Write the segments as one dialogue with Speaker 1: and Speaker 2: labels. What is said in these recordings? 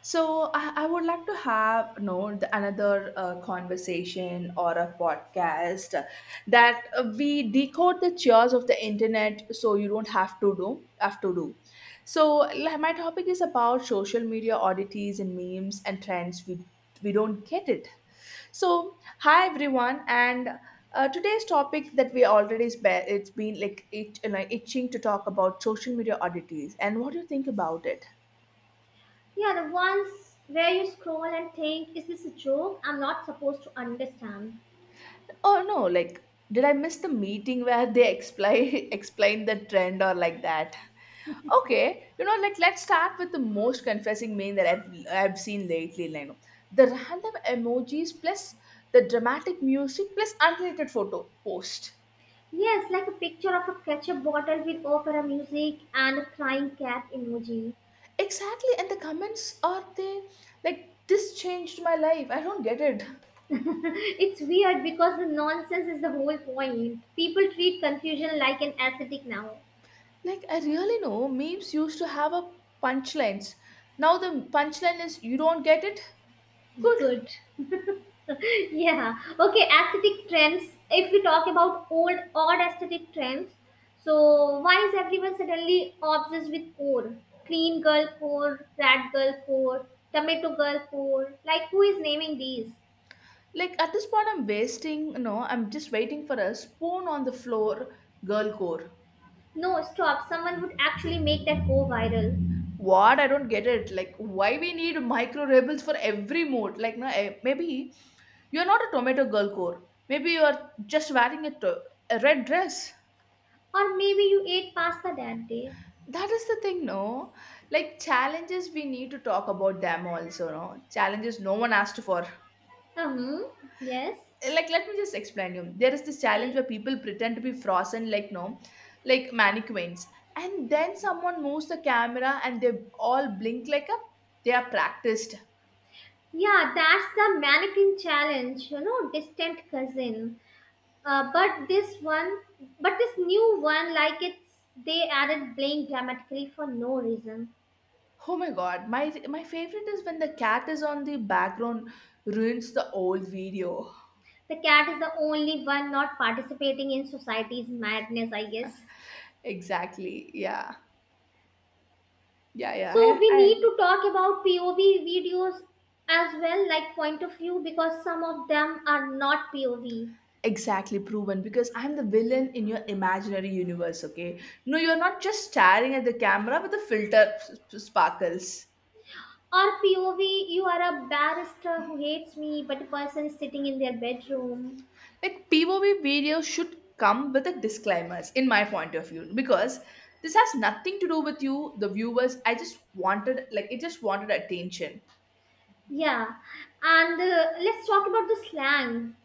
Speaker 1: So I would like to have another conversation or a podcast that we decode the chores of the internet so you don't have to do. So like, my topic is about social media oddities and memes and trends we don't get it. So hi everyone and. Today's topic that we already it's been like, like itching to talk about social media oddities. And what do you think about it?
Speaker 2: Yeah, the ones where you scroll and think, is this a joke I'm not supposed to understand?
Speaker 1: Oh no, like did I miss the meeting where they explain explain the trend or like that? Okay, you know, like let's start with the most confessing meme that I've seen lately, Lino. The random emojis plus the dramatic music plus unrelated photo post.
Speaker 2: Yes, like a picture of a ketchup bottle with opera music and a crying cat emoji.
Speaker 1: Exactly, and the comments are they like this changed my life. I don't get it.
Speaker 2: It's weird because the nonsense is the whole point. People treat confusion like an aesthetic now.
Speaker 1: Like I really know memes used to have a punchlines. Now the punchline is you don't get it. Good.
Speaker 2: Good. Yeah. Okay, aesthetic trends, if we talk about old odd aesthetic trends, so why is everyone suddenly obsessed with core, clean girl core, rat girl core, tomato girl core, like who is naming these?
Speaker 1: Like at this point, I'm wasting, no, I'm just waiting for a spoon on the floor, girl core.
Speaker 2: No, stop, someone would actually make that go viral.
Speaker 1: What? I don't get it. Like, why we need micro rebels for every mood? Like, no, eh, maybe you're not a tomato girl core. Maybe you're just wearing a, a red dress.
Speaker 2: Or maybe you ate pasta that day.
Speaker 1: That is the thing, no? Like, challenges, we need to talk about them also, no? Challenges no one asked for.
Speaker 2: Uh-huh. Yes.
Speaker 1: Like let me just explain you, there is this challenge
Speaker 2: Okay.
Speaker 1: where people pretend to be frozen, like no, like mannequins, and then someone moves the camera and they all blink like a, they are practiced.
Speaker 2: Yeah, that's the mannequin challenge, you know, distant cousin. Uh, but this one, but this new one, like it's, they added playing dramatically for no reason.
Speaker 1: Oh my god, my favorite is when the cat is on the background, ruins the old video.
Speaker 2: The cat is the only one not participating in society's madness, I guess.
Speaker 1: Exactly. Yeah, yeah,
Speaker 2: So
Speaker 1: yeah.
Speaker 2: we
Speaker 1: I,
Speaker 2: need to talk about POV videos as well, like point of view, because some of them are not POV.
Speaker 1: exactly proven, because I'm the villain in your imaginary universe. Okay, no, you're not just staring at the camera with the filter sparkles.
Speaker 2: Or POV, you are a barrister who hates me, but a person is sitting in their bedroom.
Speaker 1: Like POV videos should come with a disclaimers in my point of view, because this has nothing to do with you, the viewers. I just wanted like it just wanted attention.
Speaker 2: Yeah, and let's talk about the slang.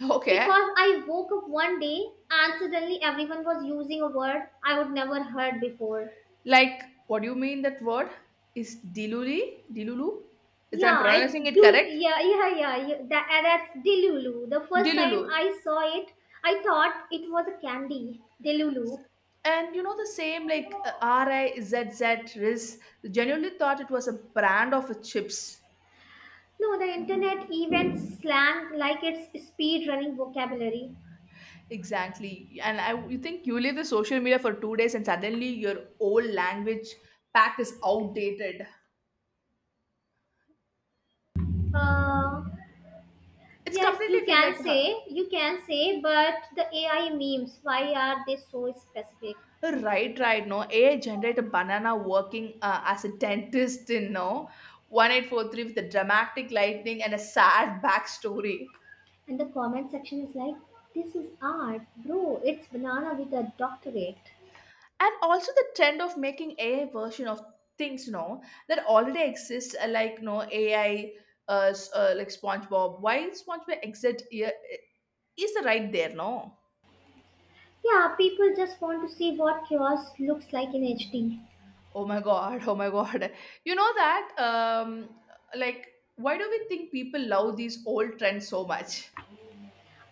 Speaker 1: Okay,
Speaker 2: Because I woke up one day and suddenly everyone was using a word I would never heard before.
Speaker 1: like what do you mean that word is diluli dilulu? Is that I'm
Speaker 2: Yeah, it's
Speaker 1: pronouncing it
Speaker 2: do.
Speaker 1: correct?
Speaker 2: Yeah, yeah, yeah, yeah. That's Delulu. The first
Speaker 1: Dilulu.
Speaker 2: time I saw it, I thought it was a candy. Delulu.
Speaker 1: And you know the same, like Rizz, RIS, genuinely thought it was a brand of a chips.
Speaker 2: No, the internet even slang like it's speed running vocabulary.
Speaker 1: Exactly. And I, you think you leave the social media for 2 days and suddenly your old language pack is outdated.
Speaker 2: Uh,
Speaker 1: It's
Speaker 2: yes, you
Speaker 1: completely feel like
Speaker 2: can
Speaker 1: her.
Speaker 2: say, you can say, but the AI memes, why are they so specific?
Speaker 1: Right, right. No, AI generate a banana working as a dentist in no 1843, with a dramatic lightning and a sad backstory.
Speaker 2: And the comment section is like, this is art, bro, it's banana with a doctorate.
Speaker 1: And also the trend of making AI version of things, no, that already exists, like no AI, like SpongeBob. Why SpongeBob exit? Yeah, is the right there, no?
Speaker 2: Yeah, people just want to see what chaos looks like in HD.
Speaker 1: Oh my god, oh my god. You know that like why do we think people love these old trends so much?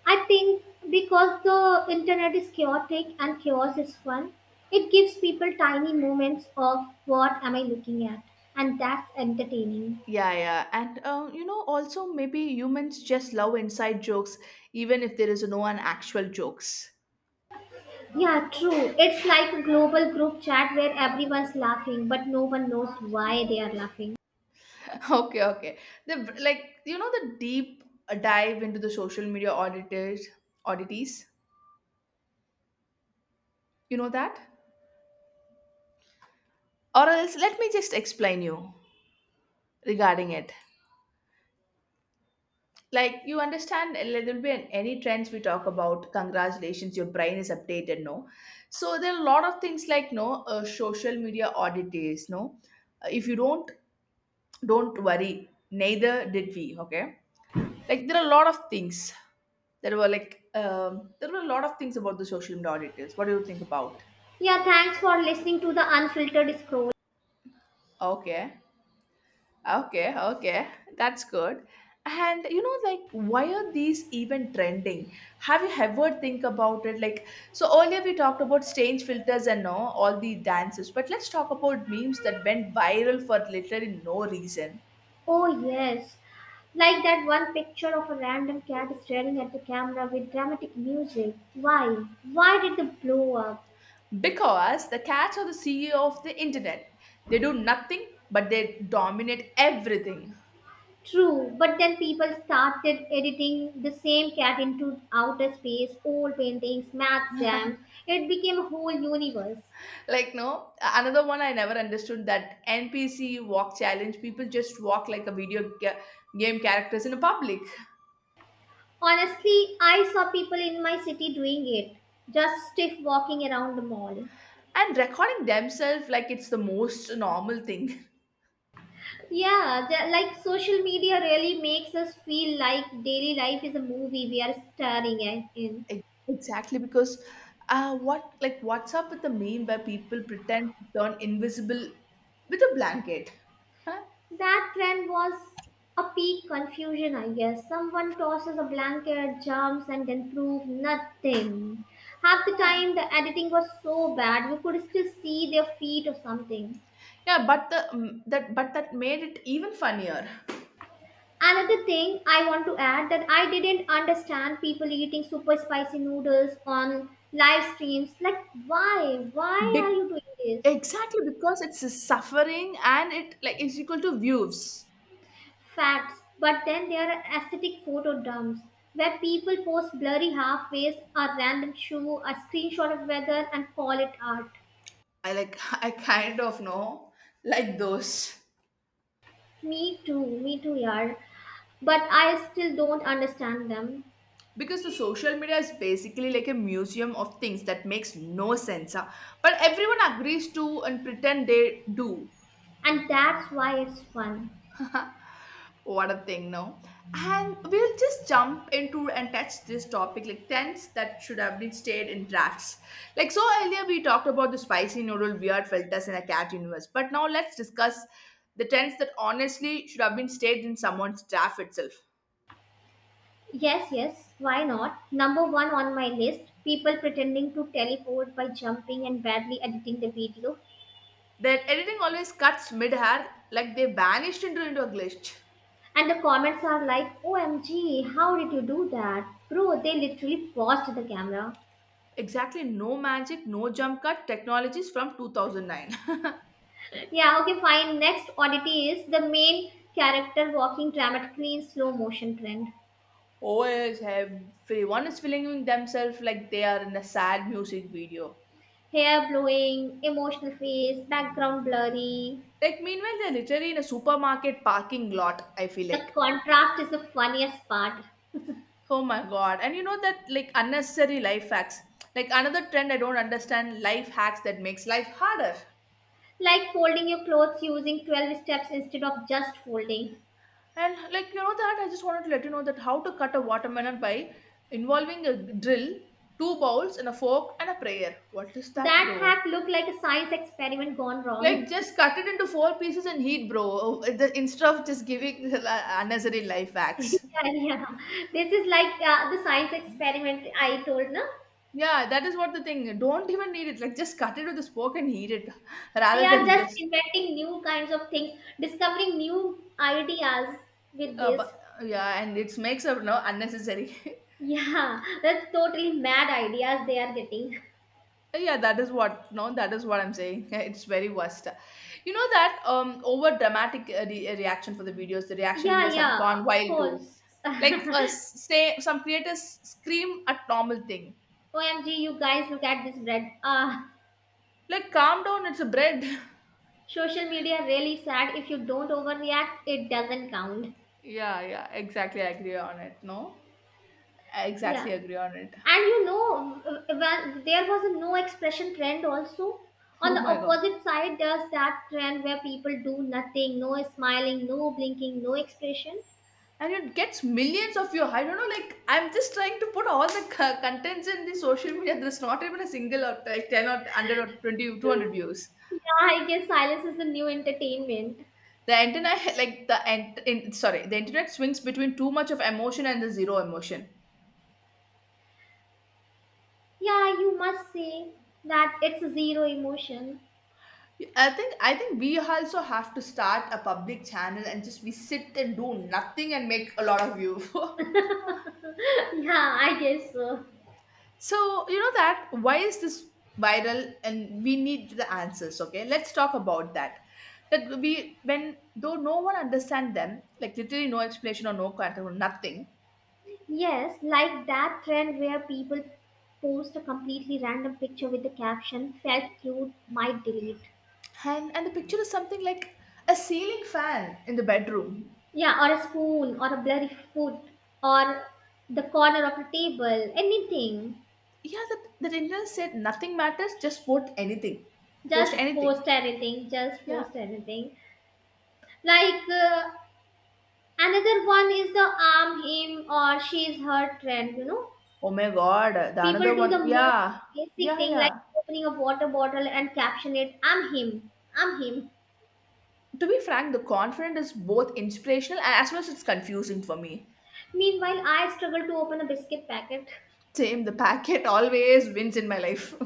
Speaker 2: I think because the internet is chaotic and chaos is fun, it gives people tiny moments of what am I looking at, and that's entertaining.
Speaker 1: Yeah, yeah. And you know, also maybe humans just love inside jokes, even if there is no an actual jokes.
Speaker 2: Yeah, true. It's like a global group chat where everyone's laughing, but no one knows why they are laughing.
Speaker 1: Okay, okay. The, like you know, the deep dive into the social media auditors oddities. You know that? Or else let me just explain you regarding it. Like you understand, there will be any trends we talk about, congratulations, your brain is updated, no. So there are a lot of things like no, social media audit days, no. If you don't worry, neither did we. Okay, like there are a lot of things, there were like, there were a lot of things about the social media audit days. What do you think about?
Speaker 2: Yeah, thanks for listening to the unfiltered scroll.
Speaker 1: Okay. Okay, okay, that's good. And you know, like, why are these even trending? Have you ever think about it? Like, so earlier we talked about stage filters and all the dances, but let's talk about memes that went viral for literally no reason.
Speaker 2: Oh, yes. Like that one picture of a random cat staring at the camera with dramatic music. Why? Why did the blow up?
Speaker 1: Because the cats are the CEO of the internet. They do nothing, but they dominate everything.
Speaker 2: True, but then people started editing the same cat into outer space, old paintings, math jams. It became a whole universe.
Speaker 1: Like, no, another one I never understood, that NPC walk challenge. People just walk like a video game characters in a public,
Speaker 2: Honestly, I saw people in my city doing it, just stiff walking around the mall.
Speaker 1: and recording themselves like it's the most normal thing.
Speaker 2: Yeah, the, like social media really makes us feel like daily life is a movie we are starring at- in.
Speaker 1: Exactly, because what, like what's up with the meme where people pretend to turn invisible with a blanket? Huh?
Speaker 2: That trend was a peak confusion, I guess. Someone tosses a blanket, jumps, and then proves nothing. Half the
Speaker 1: Yeah,
Speaker 2: time, the editing was so bad, you could still see their feet or something.
Speaker 1: yeah, but the that, but that made it even funnier.
Speaker 2: Another thing I want to add that I didn't understand, people eating super spicy noodles on live streams. Like, why? Why are
Speaker 1: Big,
Speaker 2: you doing this?
Speaker 1: exactly, because it's a suffering, and it like is equal to views.
Speaker 2: Facts, but then there are aesthetic photo dumps where people post blurry halfways, a random shoe, a screenshot of weather, and call it art.
Speaker 1: I like, I kind of know like those,
Speaker 2: Me too, yaar. But I still don't understand them,
Speaker 1: because the social media is basically like a museum of things that makes no sense, huh? But everyone agrees to and pretend they do.
Speaker 2: and that's why it's fun.
Speaker 1: What a thing, no? And we'll just jump into and touch this topic, like tents that should have been stayed in drafts. Like so earlier we talked about the spicy noodle weird filters in a cat universe, but now let's discuss the tents that honestly should have been stayed in someone's draft itself.
Speaker 2: Yes, yes, why not? Number one on my list, people pretending to teleport by jumping and badly editing the video.
Speaker 1: Their editing always cuts mid-air like they vanished into a glitch.
Speaker 2: And the comments are like, OMG, how did you do that? Bro, they literally paused the camera.
Speaker 1: Exactly, no magic, no jump cut technologies from 2009.
Speaker 2: Yeah, okay, fine. Next oddity is the main character walking dramatically in slow motion trend.
Speaker 1: Always have. Everyone is feeling themselves like they are in a sad music video.
Speaker 2: Hair blowing, emotional face, background blurry.
Speaker 1: Like meanwhile, they're literally in a supermarket parking lot. I feel
Speaker 2: The
Speaker 1: like,
Speaker 2: contrast is the funniest part.
Speaker 1: oh my god! And you know that, like unnecessary life hacks. Like another trend I don't understand: life hacks that makes life harder.
Speaker 2: Like folding your clothes using 12 steps instead of just folding.
Speaker 1: And like you know that I just wanted to let you know that how to cut a watermelon by involving a drill, two bowls, and a fork and a prayer. What is that,
Speaker 2: That
Speaker 1: bro?
Speaker 2: hack looked like a science experiment gone wrong.
Speaker 1: Like just cut it into four pieces and heat, bro. Oh, the- instead of just giving the unnecessary life
Speaker 2: Yeah,
Speaker 1: hacks.
Speaker 2: yeah. This is like the science experiment I told, na?
Speaker 1: Yeah, that is what the thing. Don't even need it. Like just cut it with a fork and heat it,
Speaker 2: They
Speaker 1: rather
Speaker 2: are
Speaker 1: than
Speaker 2: just
Speaker 1: just.
Speaker 2: inventing new kinds of things, discovering new ideas with this.
Speaker 1: But, yeah, and it makes a no unnecessary.
Speaker 2: Yeah, that's totally mad ideas they are getting.
Speaker 1: Yeah, that is what, no, that is what I'm saying. It's very worst. You know that over dramatic reaction for the videos, the reaction
Speaker 2: Yeah,
Speaker 1: videos have
Speaker 2: yeah,
Speaker 1: gone
Speaker 2: of
Speaker 1: wild too.
Speaker 2: course.
Speaker 1: Like say, some creators scream at normal thing.
Speaker 2: OMG, you guys, look at this bread. Ah,
Speaker 1: Like calm down, it's a bread.
Speaker 2: social media really sad. If you don't overreact, it doesn't count.
Speaker 1: Yeah, yeah, exactly, I agree on it, no, I
Speaker 2: Yeah,
Speaker 1: exactly agree on it.
Speaker 2: and you know, when there was a no expression trend also. On
Speaker 1: Oh
Speaker 2: the
Speaker 1: my god.
Speaker 2: opposite side, there's that trend where people do nothing, no smiling, no blinking, no expression.
Speaker 1: And it gets millions of views. I don't know, like I'm just trying to put all the contents in the social media. There's not even a single or like 10 or 100 or 2200 views.
Speaker 2: Yeah, I guess silence is the new entertainment.
Speaker 1: The internet, like the ent, in, sorry, the internet swings between too much of emotion and the zero emotion.
Speaker 2: Yeah, you must say that it's a zero emotion.
Speaker 1: I think we also have to start a public channel and just we sit and do nothing and make a lot of view.
Speaker 2: Yeah, I guess so.
Speaker 1: So you know that why is this viral, and we need the answers. Okay, let's talk about that. That we, when though, no one understand them, like literally no explanation or no contact or nothing.
Speaker 2: Yes, like that trend where people post a completely random picture with the caption felt cute, might delete.
Speaker 1: And the picture is something like a ceiling fan in the bedroom.
Speaker 2: Yeah, or a spoon, or a blurry foot, or the corner of a table, anything.
Speaker 1: Yeah, the Indian said nothing matters, just post anything. Post
Speaker 2: Just
Speaker 1: anything.
Speaker 2: post anything, just
Speaker 1: Yeah.
Speaker 2: post anything. Like another one is the arm, him, or she's her trend, you know.
Speaker 1: Oh my god, the
Speaker 2: People
Speaker 1: another
Speaker 2: do the
Speaker 1: one.
Speaker 2: most
Speaker 1: Yeah.
Speaker 2: basic
Speaker 1: Yeah,
Speaker 2: thing like
Speaker 1: yeah.
Speaker 2: opening a water bottle and caption it, I'm him, I'm him.
Speaker 1: To be frank, the confident is both inspirational and as well as it's confusing for me.
Speaker 2: Meanwhile, I struggle to open a biscuit packet.
Speaker 1: Same, the packet always wins in my life.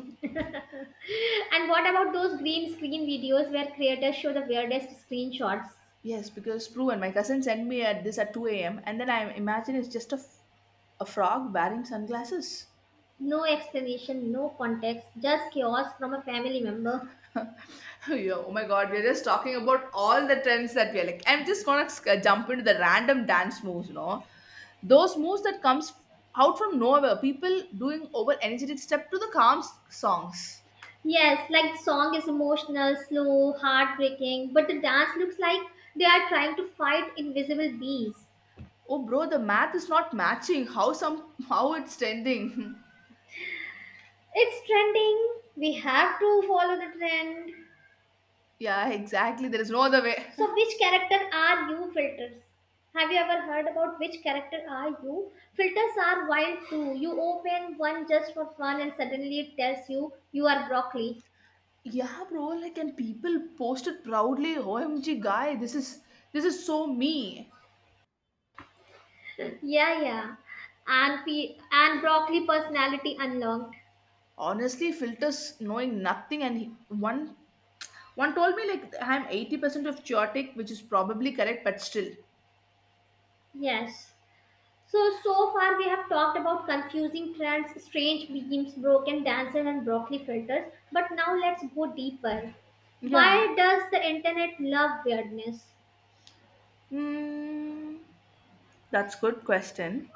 Speaker 2: And what about those green screen videos where creators show the weirdest screenshots?
Speaker 1: Yes, because proven. My cousin sent me at this at 2 a.m., and then I imagine it's just a, a frog wearing sunglasses.
Speaker 2: No explanation, no context, just chaos from a family member.
Speaker 1: Oh yeah, oh my god, we're just talking about all the trends that we are like. I'm just gonna jump into the random dance moves, you know, those moves that comes out from nowhere. People doing over energetic step to the calm songs.
Speaker 2: Yes, like the song is emotional, slow, heartbreaking, but the dance looks like they are trying to fight invisible bees.
Speaker 1: Oh, bro, the math is not matching. How some how it's trending?
Speaker 2: It's trending. We have to follow the trend.
Speaker 1: Yeah, exactly. There is no other way.
Speaker 2: So, which character are you filters? Have you ever heard about which character are you? Filters are wild too. You open one just for fun and suddenly it tells you you are broccoli.
Speaker 1: Yeah, bro. Like, and people posted proudly. OMG, guy, this is so me.
Speaker 2: Yeah, yeah. And broccoli personality unlocked.
Speaker 1: Honestly, filters knowing nothing, and one told me like I'm 80% of chaotic, which is probably correct, but still.
Speaker 2: Yes. So so far we have talked about confusing trends, strange memes, broken dances, and broccoli filters. But now let's go deeper.
Speaker 1: Yeah.
Speaker 2: Why does the internet love weirdness?
Speaker 1: Mm, that's good question.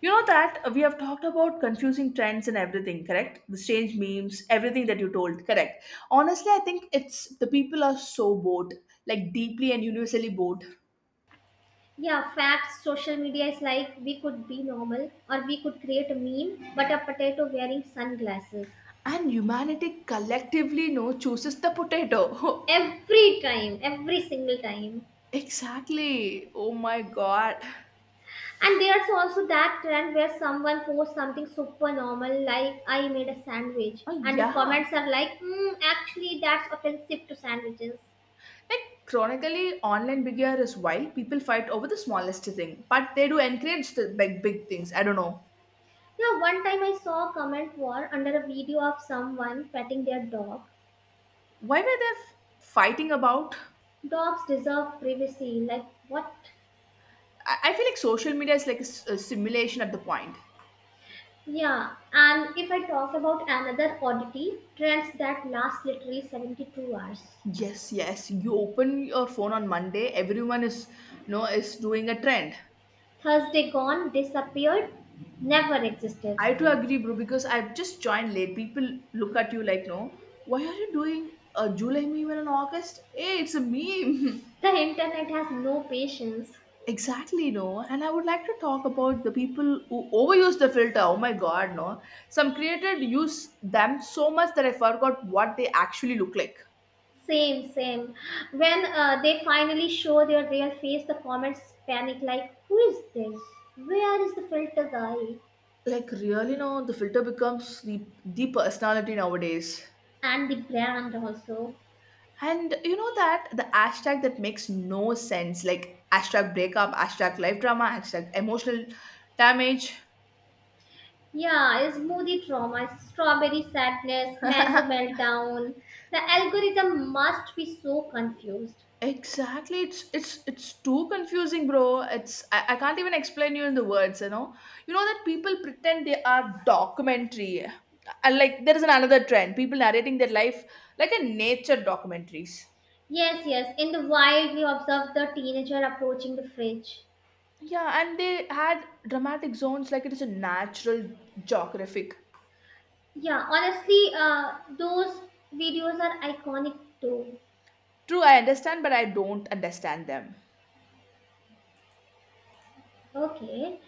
Speaker 1: You know that we have talked about confusing trends and everything, correct? The strange memes, everything that you told, correct. Honestly, I think it's the people are so bored, like deeply and universally bored.
Speaker 2: Yeah, facts, social media is like we could be normal or we could create a meme, but a potato wearing sunglasses.
Speaker 1: And humanity collectively no chooses the potato.
Speaker 2: Every time, every single time.
Speaker 1: Exactly. Oh my god.
Speaker 2: And there's also that trend where someone posts something super normal like I made a sandwich
Speaker 1: Oh
Speaker 2: and the comments
Speaker 1: yeah.
Speaker 2: are like, mm, actually that's offensive to sandwiches.
Speaker 1: Like chronically, online behavior is why people fight over the smallest thing, but they do encourage the big big things. I don't know
Speaker 2: Yeah, one time I saw a comment war under a video of someone petting their dog.
Speaker 1: why were they fighting about.
Speaker 2: Dogs deserve privacy. Like what?
Speaker 1: I feel like social media is like a, a simulation at the point.
Speaker 2: Yeah, and if I talk about another oddity, trends that last literally 72 hours.
Speaker 1: Yes, yes. You open your phone on Monday, everyone is no is doing a trend.
Speaker 2: Thursday gone, disappeared, never existed.
Speaker 1: I too agree, bro, because I've just joined late. People look at you like, no, why are you doing a July meme and an August? Hey, it's a meme.
Speaker 2: The internet has no patience.
Speaker 1: Exactly, no. And I would like to talk about the people who overuse the filter. Oh my god, no. Some creators use them so much that I forgot what they actually look like.
Speaker 2: Same, same. When they finally show their real face, the comments panic like, who is this? Where is the filter guy?
Speaker 1: Like really, no, the filter becomes the personality nowadays.
Speaker 2: And the brand also.
Speaker 1: And you know that the hashtag that makes no sense, like hashtag breakup, hashtag life drama, hashtag emotional damage.
Speaker 2: Yeah, smoothie trauma, strawberry sadness, mango meltdown. The algorithm must be so confused.
Speaker 1: Exactly. It's too confusing, bro. It's I can't even explain you in the words, you know. You know that people pretend they are documentary. And like there is another trend. People narrating their life like a nature documentaries.
Speaker 2: Yes, yes. In the wild, we observe the teenager approaching the fridge.
Speaker 1: Yeah, and they had dramatic zones like it is a natural geographic.
Speaker 2: Yeah, honestly, those videos are iconic too.
Speaker 1: True, I understand, but I don't understand them.
Speaker 2: Okay,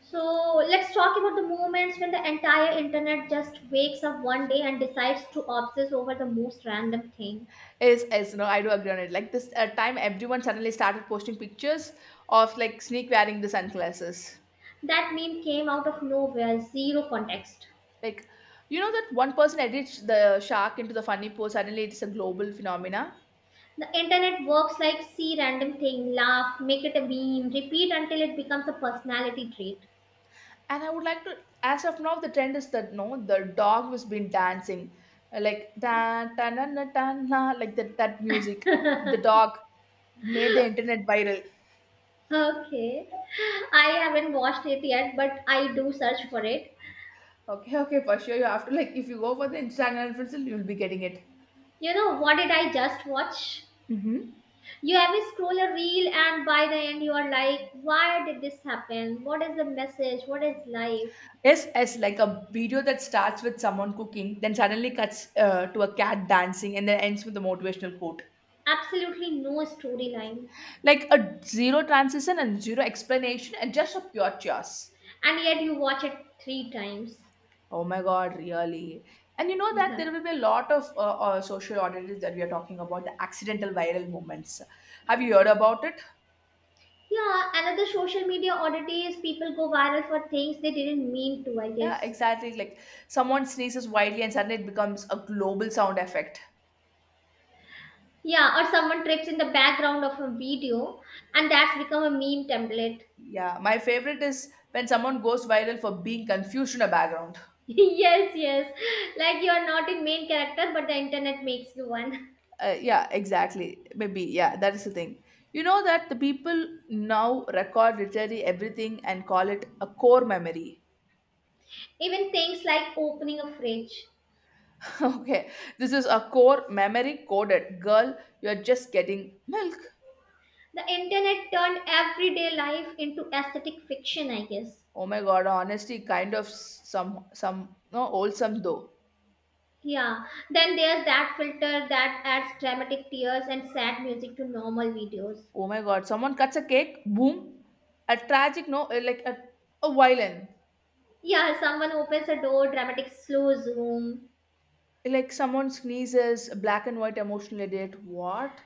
Speaker 2: so let's talk about the moments when the entire internet just wakes up one day and decides to obsess over the most random thing.
Speaker 1: Is no, I do agree on it. Like this time everyone suddenly started posting pictures of like sneak wearing the sunglasses.
Speaker 2: That meme came out of nowhere, zero context.
Speaker 1: Like, you know that one person edits the shark into the funny pose, suddenly it's a global phenomena.
Speaker 2: The internet works like see random thing, laugh, make it a meme, repeat until it becomes a personality
Speaker 1: And I would like to, as of now, the trend is that no, the dog was been dancing, like da da na na da na, like that music. The
Speaker 2: trait.
Speaker 1: dog made the internet viral.
Speaker 2: Okay. I haven't watched it yet, but I do search for it.
Speaker 1: Okay, okay, for sure. You have to like if you go for the Instagram influencer, you'll be getting it.
Speaker 2: You know, what did I just watch?
Speaker 1: Mm-hmm.
Speaker 2: You have a scroll a reel, and by the end, you are like, why did this happen? What is the message? What is life?
Speaker 1: Yes, yes, like a video that starts with someone cooking, then suddenly cuts to a cat dancing, and then ends with a motivational quote.
Speaker 2: Absolutely no storyline.
Speaker 1: Like a zero transition and zero explanation and just a pure chaos.
Speaker 2: And yet, you watch it three times.
Speaker 1: Oh my god, really. And you know that there will be a lot of social auditors that we are talking about, the accidental viral moments. Have you heard about it?
Speaker 2: Yeah, another social media oddity is people go viral for things they didn't mean to, I
Speaker 1: Yeah,
Speaker 2: guess.
Speaker 1: exactly. Like someone sneezes wildly and suddenly it becomes a global sound effect.
Speaker 2: Yeah, or someone trips in the background of a video and that's become a meme template.
Speaker 1: Yeah, my favorite is when someone goes viral for being confused in a background.
Speaker 2: Yes, yes. Like you're not in main character, but the internet makes you one.
Speaker 1: Yeah, exactly. Maybe, yeah, that is the thing. You know that the people now record literally everything and call it a core memory.
Speaker 2: Even things like opening a fridge.
Speaker 1: Okay, this is a core memory coded. Girl, you're just getting milk.
Speaker 2: The internet turned everyday life into aesthetic fiction, I guess.
Speaker 1: Oh my god, honestly, kind of some no wholesome though.
Speaker 2: Yeah. Then there's that filter that adds dramatic tears and sad music to normal videos.
Speaker 1: Oh my god, someone cuts a cake, boom, a tragic no, like a violin,
Speaker 2: Yeah, someone opens a door, dramatic slow zoom.
Speaker 1: like someone sneezes, black and white emotional edit. What?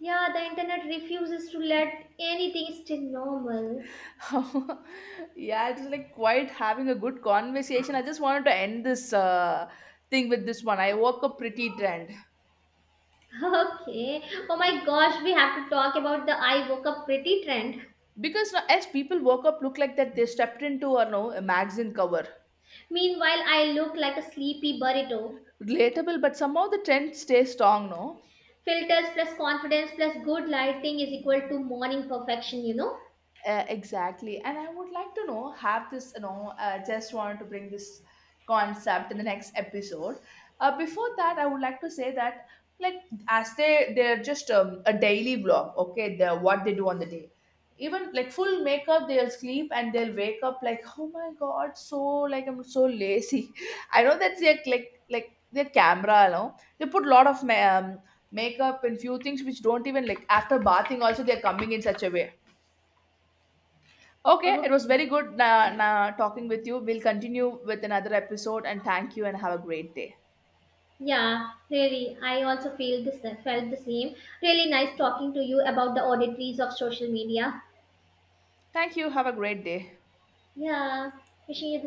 Speaker 2: Yeah, the internet refuses to let anything stay normal.
Speaker 1: Yeah, it's like quite having a good conversation. I just wanted to end this thing with this one. I woke up pretty trend
Speaker 2: Okay. Oh my gosh, we have to talk about the I woke up pretty trend.
Speaker 1: because now, as people woke up, look like that they stepped into a no a magazine cover.
Speaker 2: Meanwhile, I look like a sleepy burrito.
Speaker 1: Relatable, but somehow the trend stays strong, no.
Speaker 2: Filters plus confidence plus good lighting is equal to morning perfection, you know?
Speaker 1: Exactly. And I would like to know, have this, you know, just want to bring this concept in the next episode. Before that, I would like to say that, like, as they, they're just a daily vlog, okay, the what they do on the day. Even like full makeup, they'll sleep and they'll wake up like, oh my God, so like I'm so lazy. I know that they're like their camera, you know, they put lot of makeup and few things which don't even like after bathing also they're coming in such a way. Okay, it was very
Speaker 2: Okay.
Speaker 1: good talking with you. We'll continue with another episode and thank you and have a great day.
Speaker 2: Yeah, really. I also feel this felt the same. Really nice talking to you about the oddities of social media.
Speaker 1: Thank you. Have a great day.
Speaker 2: Yeah. Wishing you the